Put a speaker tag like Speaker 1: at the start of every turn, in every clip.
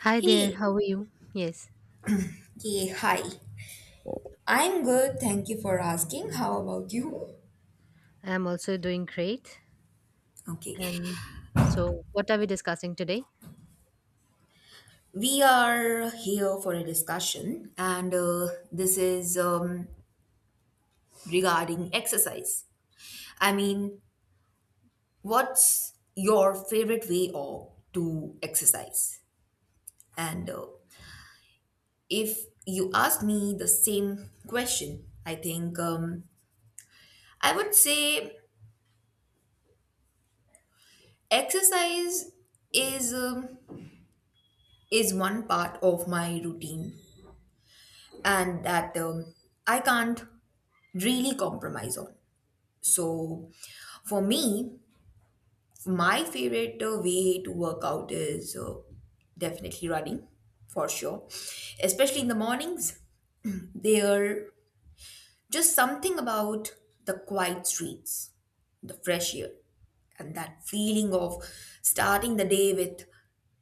Speaker 1: Hi there,
Speaker 2: Hey,
Speaker 1: how are you? Yes,
Speaker 2: okay, hi. I'm good. Thank you for asking. How about you?
Speaker 1: I'm also doing great.
Speaker 2: Okay,
Speaker 1: And so, what are we discussing today?
Speaker 2: we are here for a discussion, and this is regarding exercise. I mean, what's your favorite way of to exercise? And if you ask me the same question, I think I would say exercise is um, is one part of my routine and that I can't really compromise on. So, for me, my favorite way to work out is definitely running for sure, especially in the mornings. There just something about the quiet streets, the fresh air, and that feeling of starting the day with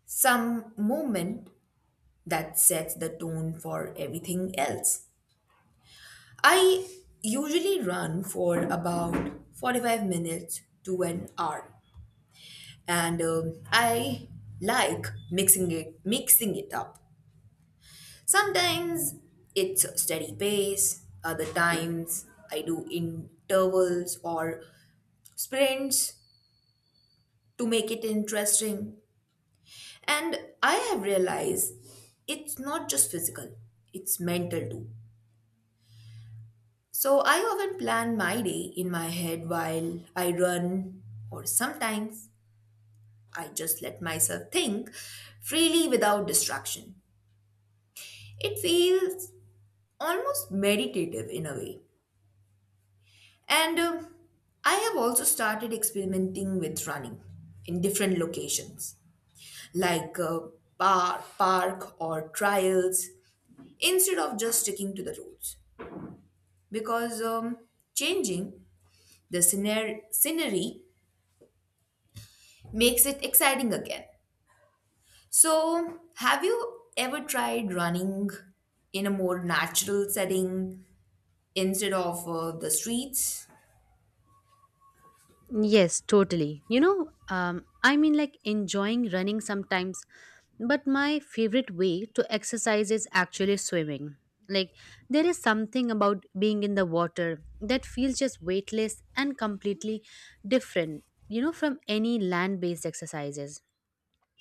Speaker 2: some movement that sets the tone for everything else. I usually run for about 45 minutes to an hour and I like mixing it up. Sometimes it's a steady pace, other times I do intervals or sprints to make it interesting. And I have realized it's not just physical, it's mental too. So I often plan my day in my head while I run, or sometimes I just let myself think freely without distraction. It feels almost meditative in a way. And I have also started experimenting with running in different locations, like park or trials, instead of just sticking to the rules. Because changing the scenery makes it exciting again. So, have you ever tried running in a more natural setting instead of the streets?
Speaker 1: Yes, totally. Like enjoying running sometimes, but my favorite way to exercise is actually swimming. Like, there is something about being in the water that feels just weightless and completely different, from any land based exercises.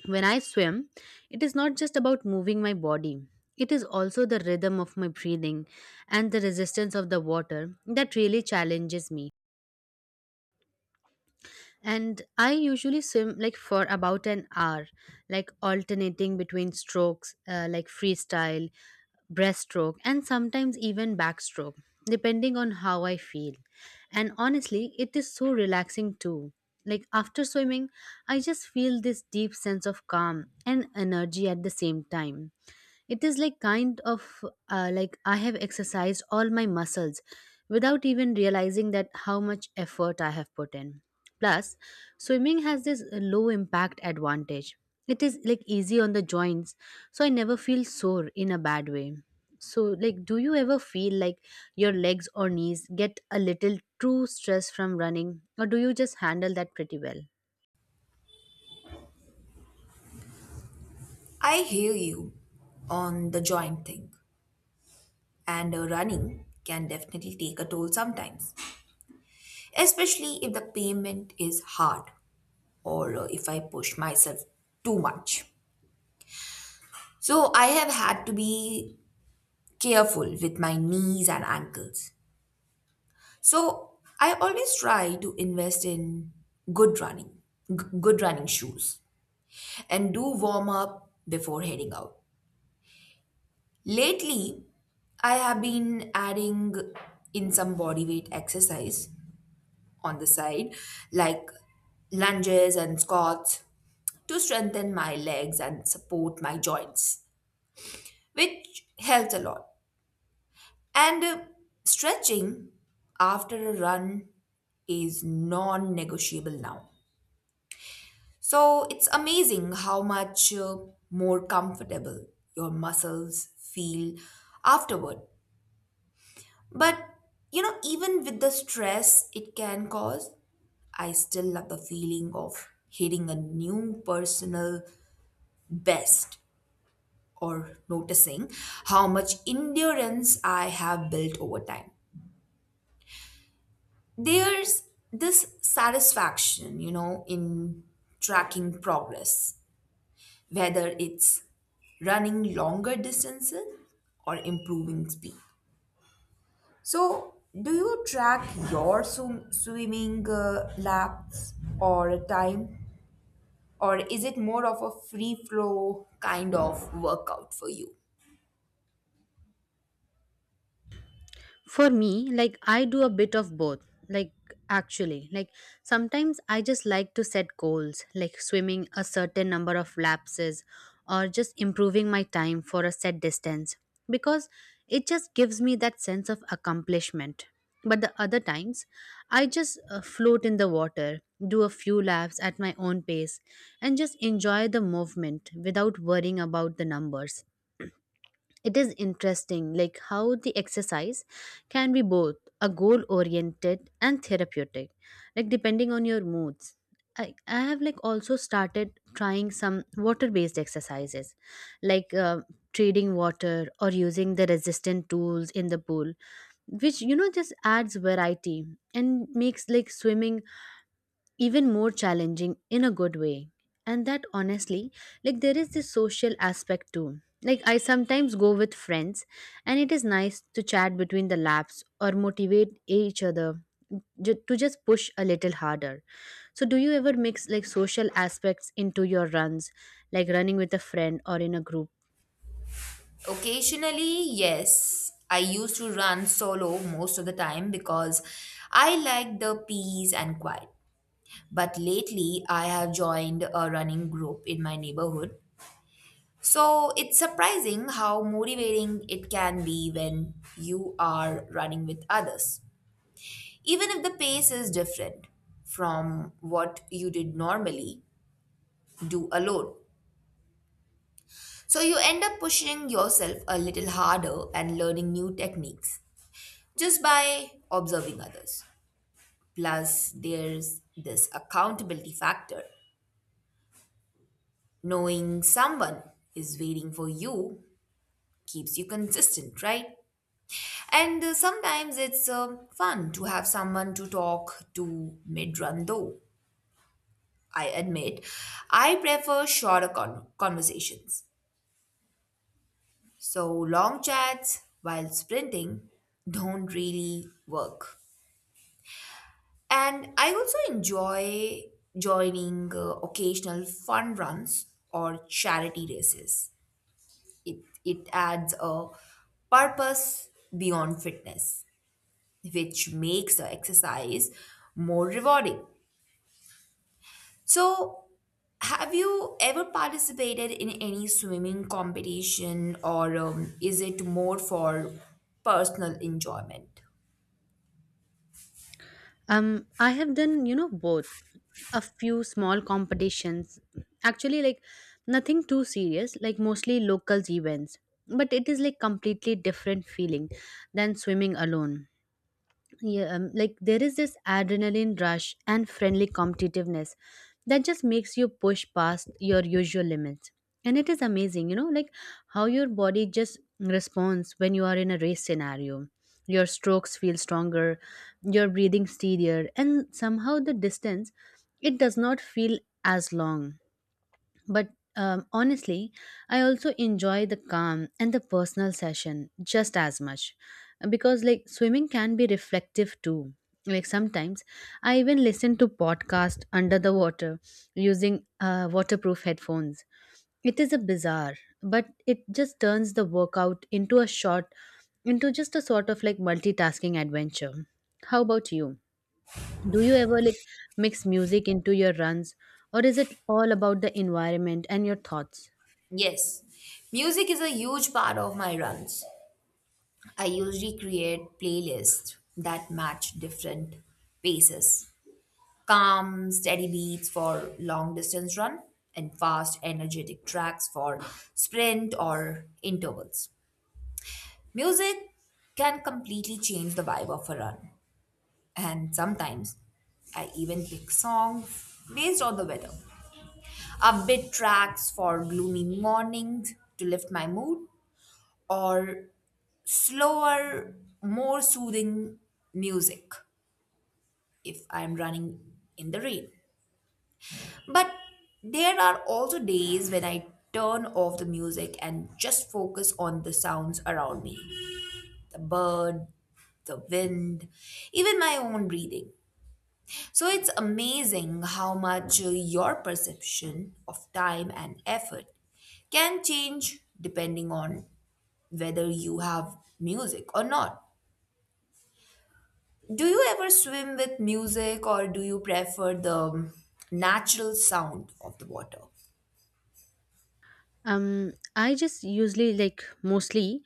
Speaker 1: When I swim, it is not just about moving my body, it is also the rhythm of my breathing and the resistance of the water that really challenges me, and I usually swim like for about an hour, like alternating between strokes, like freestyle, breaststroke, and sometimes even backstroke, depending on how I feel. And honestly, it is so relaxing too. Like after swimming, I just feel this deep sense of calm and energy at the same time. It is like kind of, like I have exercised all my muscles without even realizing that how much effort I have put in. Plus, swimming has this low impact advantage. It is like easy on the joints, so I never feel sore in a bad way. So, like, do you ever feel like your legs or knees get a little true stress from running, or do you just handle that pretty well?
Speaker 2: I hear you on the joint thing, and running can definitely take a toll sometimes, especially if the pavement is hard or if I push myself too much. So, I have had to be careful with my knees and ankles. So I always try to invest in good running, good running shoes, and do warm up before heading out. Lately, I have been adding in some body weight exercise on the side, like lunges and squats, to strengthen my legs and support my joints, which helps a lot. And stretching after a run is non negotiable now. So it's amazing how much more comfortable your muscles feel afterward. But even with the stress it can cause, I still love the feeling of hitting a new personal best or noticing how much endurance I have built over time. There's this satisfaction in tracking progress whether it's running longer distances or improving speed. So, do you track your swimming laps or time, or is it more of a free flow kind of workout for you?
Speaker 1: For me, like I do a bit of both. Like actually, like sometimes I just like to set goals, like swimming a certain number of lapses or just improving my time for a set distance, because it just gives me that sense of accomplishment. But the other times, I just float in the water, do a few laps at my own pace, and just enjoy the movement without worrying about the numbers. It is interesting like how the exercise can be both a goal oriented and therapeutic, like depending on your moods. I have like also started trying some water based exercises, like trading water or using the resistant tools in the pool, which just adds variety and makes like swimming even more challenging in a good way. And that honestly, like there is this social aspect too. Like I sometimes go with friends, and it is nice to chat between the laps or motivate each other to just push a little harder. So do you ever mix like social aspects into your runs, like running with a friend or in a group?
Speaker 2: Occasionally, yes. I used to run solo most of the time because I like the peace and quiet. But lately, I have joined a running group in my neighborhood. So it's surprising how motivating it can be when you are running with others. Even if the pace is different from what you did normally do alone. So you end up pushing yourself a little harder and learning new techniques just by observing others. Plus, there's this accountability factor. Knowing someone is waiting for you keeps you consistent, right? And sometimes it's fun to have someone to talk to mid run, though. I admit, I prefer shorter conversations. So, long chats while sprinting don't really work. And I also enjoy joining occasional fun runs or charity races. It adds a purpose beyond fitness, which makes the exercise more rewarding. So, have you ever participated in any swimming competition, or is it more for personal enjoyment?
Speaker 1: I have done, both. A few small competitions. Actually, like nothing too serious, like mostly locals events. But it is like completely different feeling than swimming alone. Yeah, like there is this adrenaline rush and friendly competitiveness that just makes you push past your usual limits. And it is amazing, like how your body just responds when you are in a race scenario. Your strokes feel stronger, your breathing steadier, and somehow the distance, it does not feel as long. But honestly, I also enjoy the calm and the personal session just as much, because, like, swimming can be reflective too. Like, sometimes I even listen to podcast under the water using waterproof headphones. It is a bizarre, but it just turns the workout into a short, into just a sort of like multitasking adventure. How about you? Do you ever like mix music into your runs, or is it all about the environment and your thoughts?
Speaker 2: Yes, music is a huge part of my runs. I usually create playlists that match different paces calm, steady beats for long distance run, and fast, energetic tracks for sprint or intervals. Music can completely change the vibe of a run. And sometimes I even pick songs based on the weather. Upbeat tracks for gloomy mornings to lift my mood, or slower, more soothing music if I'm running in the rain. But there are also days when I turn off the music and just focus on the sounds around me the bird, the wind, even my own breathing. So it's amazing how much your perception of time and effort can change depending on whether you have music or not. Do you ever swim with music or do you prefer the natural sound of the water?
Speaker 1: Um, I just usually like mostly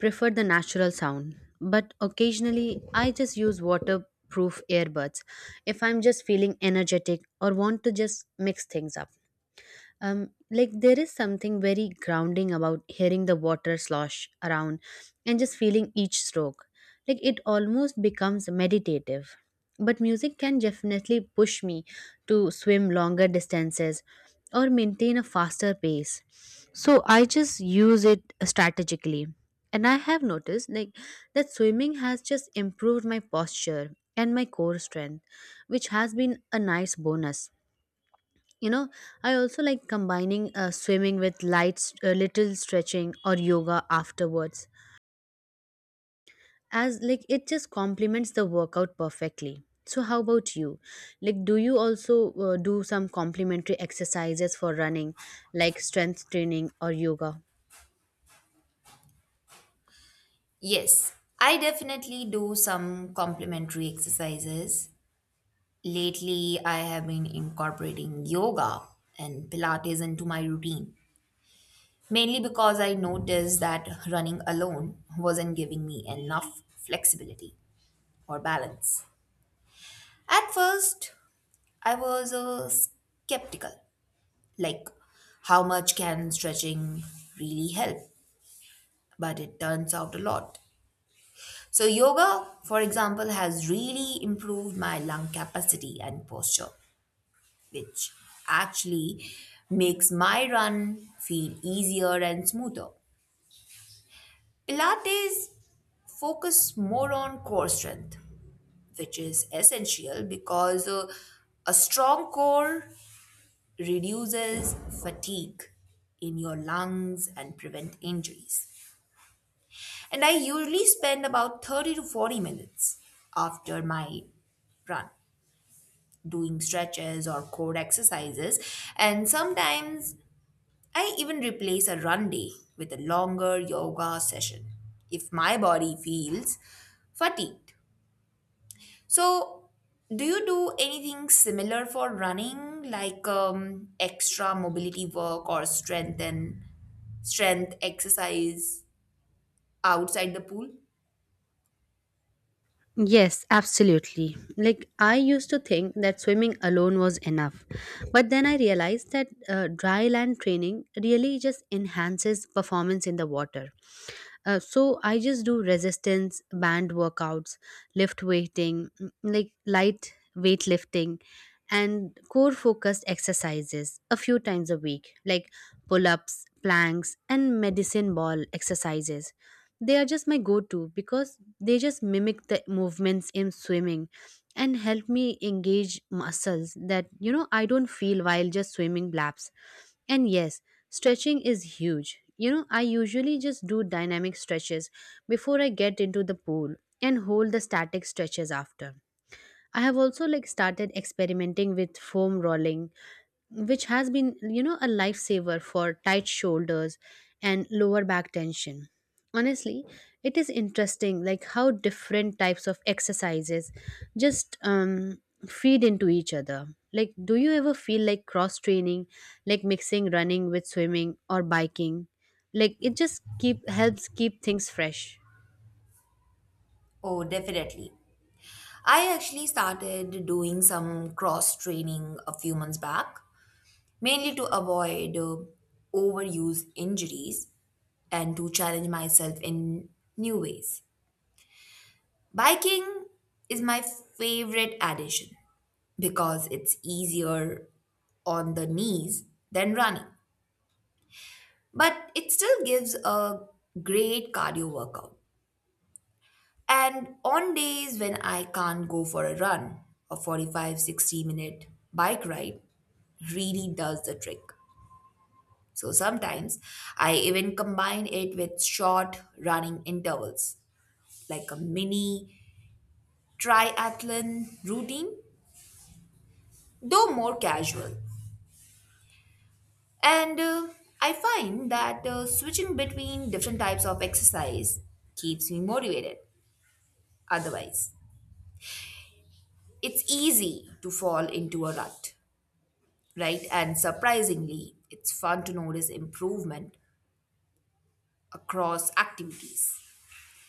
Speaker 1: prefer the natural sound, but occasionally I just use waterproof earbuds if I'm just feeling energetic or want to just mix things up. Um, like there is something very grounding about hearing the water slosh around and just feeling each stroke, like it almost becomes meditative. But music can definitely push me to swim longer distances or maintain a faster pace, so I just use it strategically. And I have noticed like that swimming has just improved my posture and my core strength, which has been a nice bonus. you know I also like combining swimming with light little stretching or yoga afterwards, as like it just complements the workout perfectly. So how about you, like do you also do some complementary exercises for running, like strength training or yoga?
Speaker 2: Yes, I definitely do some complementary exercises. Lately, I have been incorporating yoga and Pilates into my routine, mainly because I noticed that running alone wasn't giving me enough flexibility or balance. At first, I was skeptical like, how much can stretching really help? But it turns out a lot. So, yoga, for example, has really improved my lung capacity and posture, which actually makes my run feel easier and smoother. Pilates focus more on core strength, which is essential because a strong core reduces fatigue in your lungs and prevent injuries. And I usually spend about 30 to 40 minutes after my run doing stretches or core exercises and sometimes I even replace a run day with a longer yoga session if my body feels fatigued. So, do you do anything similar for running, like extra mobility work or strength exercise outside the pool?
Speaker 1: Yes, absolutely. Like, I used to think that swimming alone was enough. But then I realized that dry land training really just enhances performance in the water. So I just do resistance band workouts, lift weighting, mm, like light weightlifting, and core focused exercises a few times a week, like pull ups, planks, and medicine ball exercises. They are just my go to because they just mimic the movements in swimming and help me engage muscles that I don't feel while just swimming laps. And yes, stretching is huge. I usually just do dynamic stretches before I get into the pool, and hold the static stretches after. I have also like started experimenting with foam rolling, which has been a lifesaver for tight shoulders and lower back tension. Honestly, it is interesting like how different types of exercises just feed into each other. Like do you ever feel like cross training, like mixing running with swimming or biking, like it just keep helps keep things fresh?
Speaker 2: Oh, definitely. I actually started doing some cross training a few months back, mainly to avoid overuse injuries and to challenge myself in new ways. Biking is my favorite addition because it's easier on the knees than running, but it still gives a great cardio workout. And on days when I can't go for a run, a 45, 60-minute bike ride really does the trick. So sometimes I even combine it with short running intervals, like a mini triathlon routine, though more casual. And I find that switching between different types of exercise keeps me motivated. Otherwise, it's easy to fall into a rut, right? And surprisingly, it's fun to notice improvement across activities,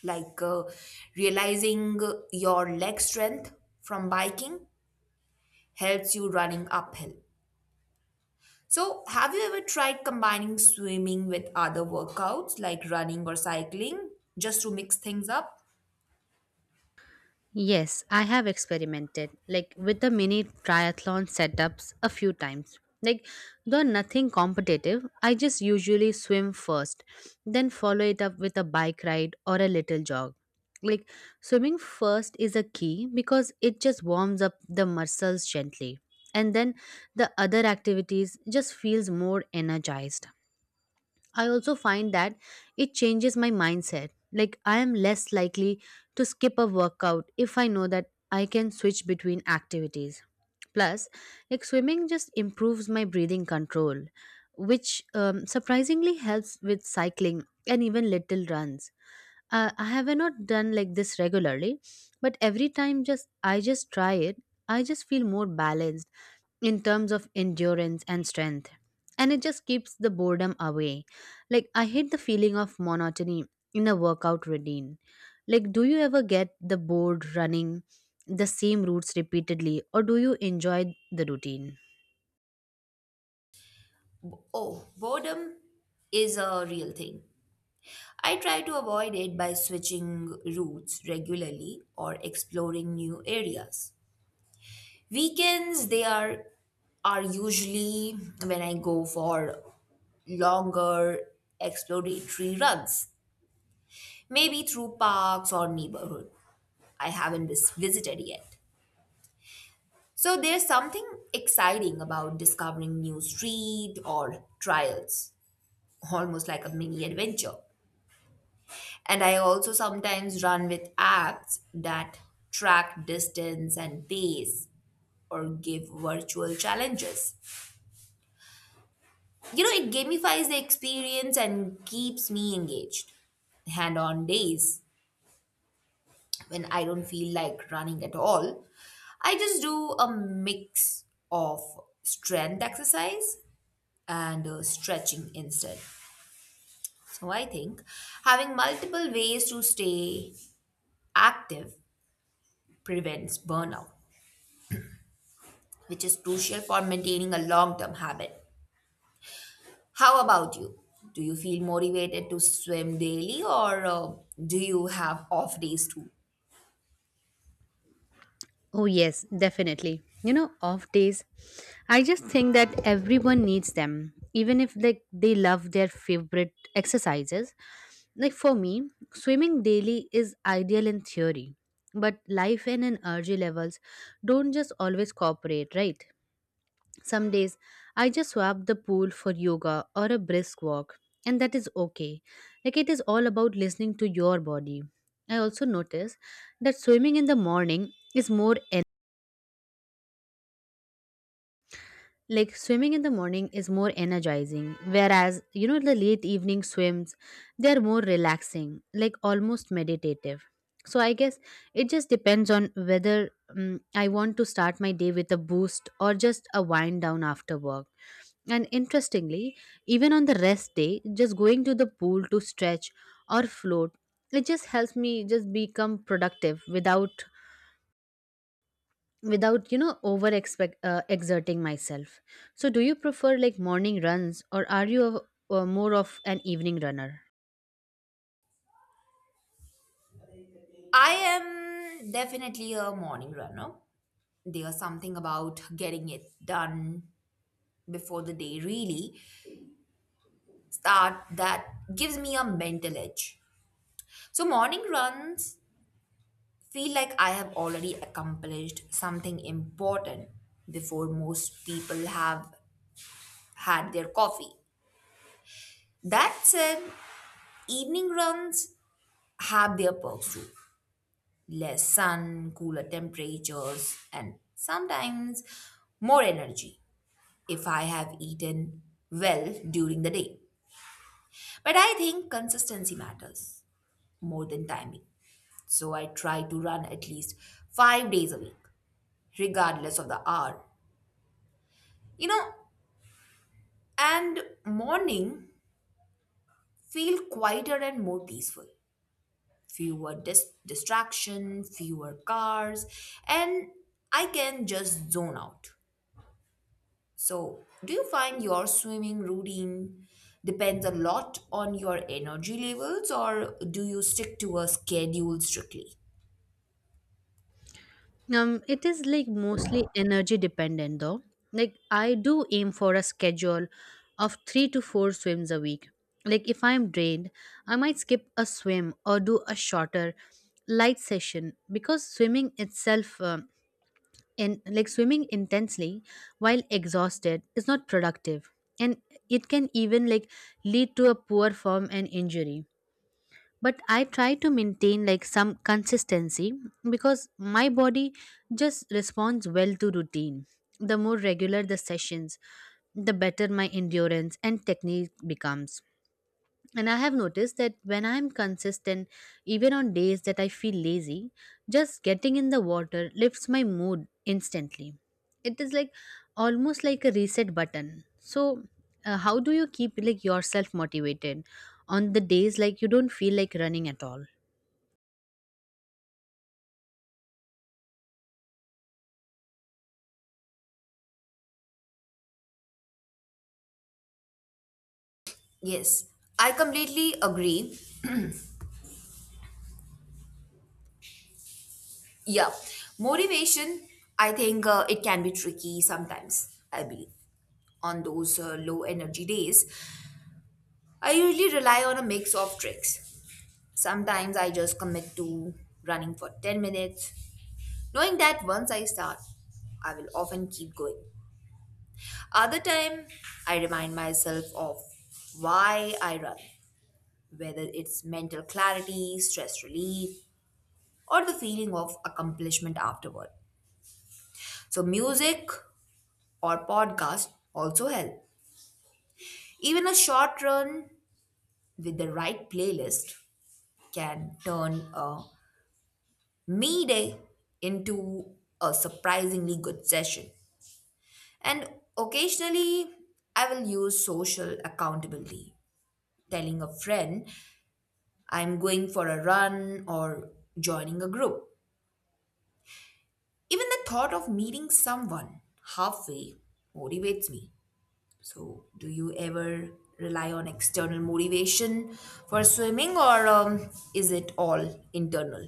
Speaker 2: like realizing your leg strength from biking helps you running uphill. So, have you ever tried combining swimming with other workouts like running or cycling just to mix things up?
Speaker 1: Yes, I have experimented like with the mini triathlon setups a few times. Like though nothing competitive, I just usually swim first, then follow it up with a bike ride or a little jog. Like swimming first is a key because it just warms up the muscles gently, and then the other activities just feels more energized. I also find that it changes my mindset. Like, I am less likely to skip a workout if I know that I can switch between activities. Plus, like, swimming just improves my breathing control, which surprisingly helps with cycling and even little runs. I have not done like this regularly, but every time just I just try it, I just feel more balanced in terms of endurance and strength. And it just keeps the boredom away. Like, I hate the feeling of monotony in a workout routine. Like, do you ever get the bored running the same routes repeatedly, or do you enjoy the routine?
Speaker 2: Oh, boredom is a real thing. I try to avoid it by switching routes regularly or exploring new areas. Weekends, they are usually when I go for longer exploratory runs, maybe through parks or neighborhood I haven't visited yet. So there's something exciting about discovering new street or trials, almost like a mini adventure. And I also sometimes run with apps that track distance and pace or give virtual challenges. It gamifies the experience and keeps me engaged. And on days when I don't feel like running at all, I just do a mix of strength exercise and stretching instead. So I think having multiple ways to stay active prevents burnout, which is crucial for maintaining a long term habit. How about you? Do you feel motivated to swim daily or do you have off days too?
Speaker 1: Oh, yes, definitely. Off days, I just think that everyone needs them, even if like they love their favorite exercises. Like for me, swimming daily is ideal in theory, but life and energy levels don't just always cooperate, right? Some days I just swap the pool for yoga or a brisk walk, and that is okay. Like it is all about listening to your body. I also notice that swimming in the morning is more like swimming in the morning is more energizing, whereas the late evening swims, they're more relaxing, like almost meditative. So I guess it just depends on whether I want to start my day with a boost or just a wind down after work. And interestingly, even on the rest day, just going to the pool to stretch or float, it just helps me just become productive without over expect exerting myself. So do you prefer like morning runs, or are you more of an evening runner?
Speaker 2: I am definitely a morning runner. There's something about getting it done before the day really start that gives me a mental edge. So morning runs feel like I have already accomplished something important before most people have had their coffee. That said, evening runs have their perks too. Less sun, cooler temperatures, and sometimes more energy if I have eaten well during the day. But I think consistency matters more than timing. So I try to run at least 5 days a week, regardless of the hour. You know, and morning feel quieter and more peaceful, fewer distraction, fewer cars, and I can just zone out. So, do you find your swimming routine depends a lot on your energy levels or do you stick to a schedule strictly?
Speaker 1: Um, it is like mostly energy dependent, though like I do aim for a schedule of 3 to 4 swims a week. Like if I'm drained, I might skip a swim or do a shorter, light session, because swimming itself um, and like swimming intensely while exhausted is not productive, and it can even like lead to a poor form and injury. But I try to maintain like some consistency, because my body just responds well to routine. The more regular the sessions, the better my endurance and technique becomes. And I have noticed that when I'm consistent, even on days that I feel lazy, just getting in the water lifts my mood instantly. It is like almost like a reset button. So, how do you keep like yourself motivated on the days like you don't feel like running at all?
Speaker 2: Yes, I completely agree. Yeah, motivation, I think it can be tricky sometimes, I believe, on those low energy days. I usually rely on a mix of tricks. Sometimes I just commit to running for 10 minutes, knowing that once I start, I will often keep going. Other time, I remind myself of why I run, whether it's mental clarity, stress relief, or the feeling of accomplishment afterward. So music or podcast also help. Even a short run with the right playlist can turn a me day into a surprisingly good session. And occasionally, I will use social accountability, telling a friend I'm going for a run or joining a group. Even the thought of meeting someone halfway motivates me. So, do you ever rely on external motivation for swimming or is it all internal?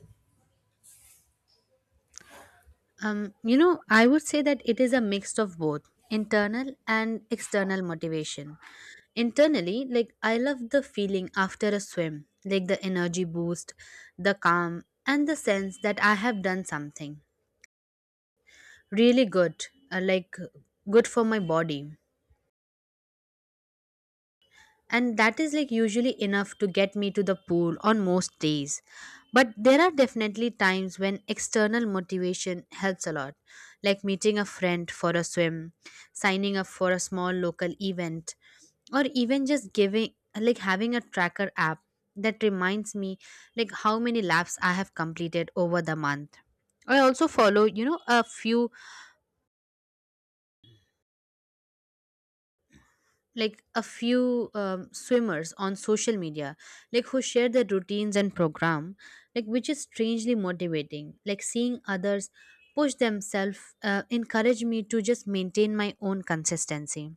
Speaker 1: I would say that it is a mix of both internal and external motivation. Internally, like I love the feeling after a swim, like the energy boost, the calm, and the sense that I have done something really good, like good for my body. And that is like usually enough to get me to the pool on most days. But there are definitely times when external motivation helps a lot, like meeting a friend for a swim, signing up for a small local event, or even just giving like having a tracker app that reminds me like how many laps I have completed over the month. I also follow a few, swimmers on social media, like who share their routines and program, like which is strangely motivating. Like seeing others push themselves encourage me to just maintain my own consistency.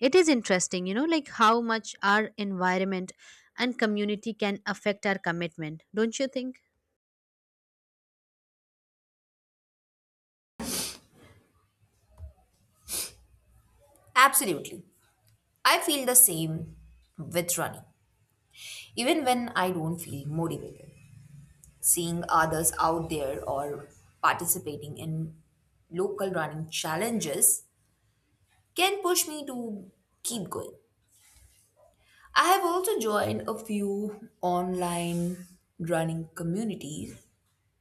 Speaker 1: It is interesting, like how much our environment and community can affect our commitment, don't you think?
Speaker 2: Absolutely. I feel the same with running, even when I don't feel motivated, seeing others out there or participating in local running challenges can push me to keep going. I have also joined a few online running communities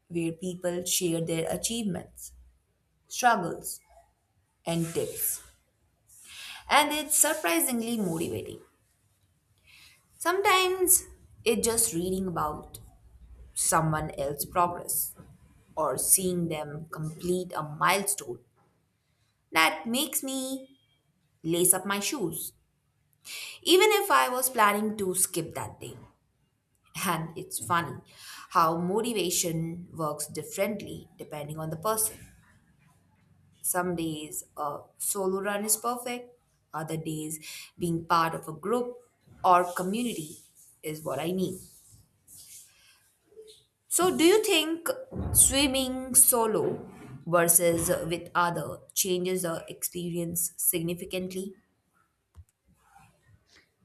Speaker 2: where people share their achievements, struggles, and tips. And it's surprisingly motivating. Sometimes it's just reading about someone else's progress or seeing them complete a milestone that makes me lace up my shoes, even if I was planning to skip that day. And it's funny how motivation works differently depending on the person. Some days a solo run is perfect, other days being part of a group or community is what I need. So, do you think swimming solo versus with other changes the experience significantly?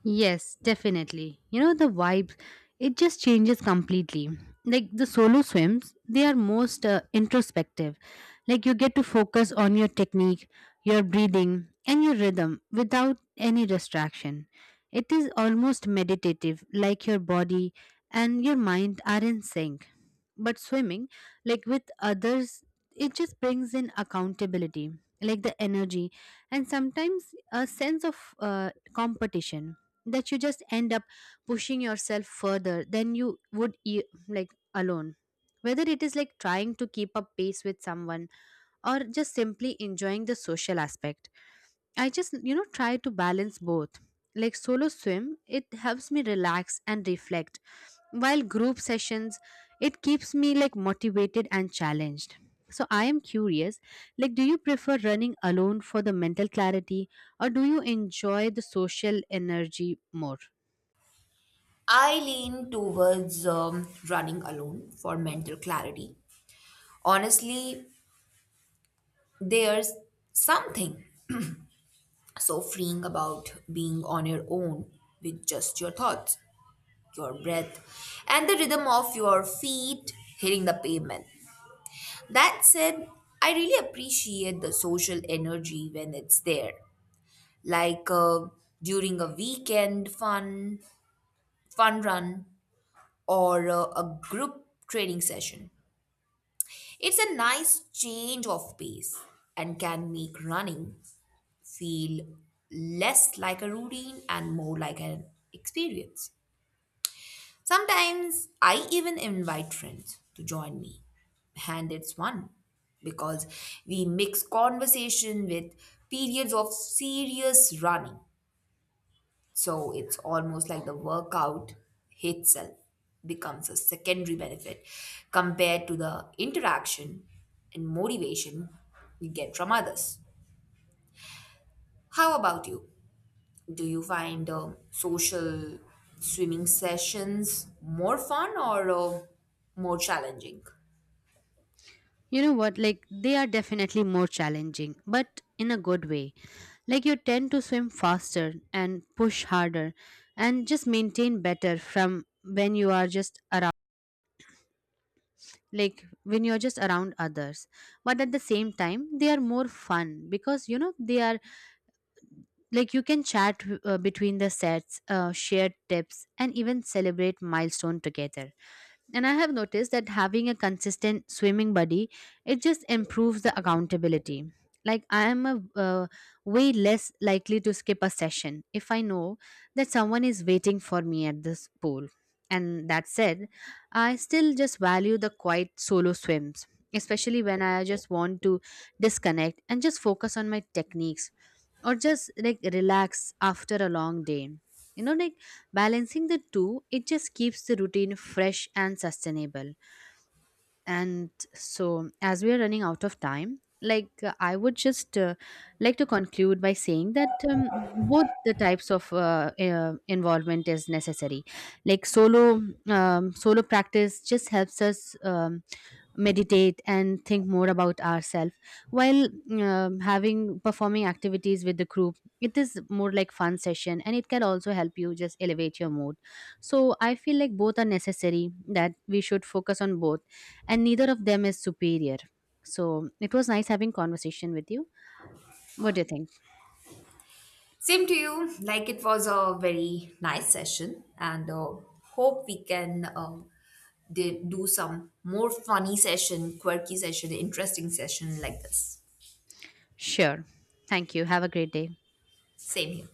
Speaker 1: Yes, definitely. The vibes, it just changes completely. Like the solo swims, they are most introspective. Like you get to focus on your technique, your breathing, and your rhythm without any distraction. It is almost meditative, like your body and your mind are in sync. But swimming, like with others, it just brings in accountability, like the energy, and sometimes a sense of competition, that you just end up pushing yourself further than you would like alone, whether it is like trying to keep up pace with someone, or just simply enjoying the social aspect. I just try to balance both. Like solo swim, it helps me relax and reflect, while group sessions, it keeps me like motivated and challenged. So I am curious, like do you prefer running alone for the mental clarity, or do you enjoy the social energy more?
Speaker 2: I lean towards running alone for mental clarity. Honestly, there's something so freeing about being on your own with just your thoughts, your breath, and the rhythm of your feet hitting the pavement. That said, I really appreciate the social energy when it's there, like during a weekend fun run, or a group training session. It's a nice change of pace and can make running feel less like a routine and more like an experience. Sometimes I even invite friends to join me, and it's fun because we mix conversation with periods of serious running. So it's almost like the workout itself becomes a secondary benefit compared to the interaction and motivation you get from others. How about you? Do you find social swimming sessions more fun or more challenging?
Speaker 1: You know what? Like, they are definitely more challenging, but in a good way. Like, you tend to swim faster and push harder and just maintain better from when you are just around, like, when you're just around others. But at the same time, they are more fun because, they are like you can chat between the sets, share tips and even celebrate milestone together. And I have noticed that having a consistent swimming buddy, it just improves the accountability. Like I am uh, way less likely to skip a session if I know that someone is waiting for me at this pool. And that said, I still just value the quiet solo swims, especially when I just want to disconnect and just focus on my techniques, or just like relax after a long day. Like balancing the two, it just keeps the routine fresh and sustainable. And so as we are running out of time, like I would just like to conclude by saying that both the types of involvement is necessary. Like solo practice just helps us meditate and think more about ourselves, while having performing activities with the group, it is more like fun session, and it can also help you just elevate your mood. So I feel like both are necessary, that we should focus on both, and neither of them is superior. So it was nice having conversation with you. What do you think?
Speaker 2: Same to you. Like it was a very nice session, and hope we can do some more funny session, quirky session, interesting session like this.
Speaker 1: Sure. Thank you. Have a great day.
Speaker 2: Same here.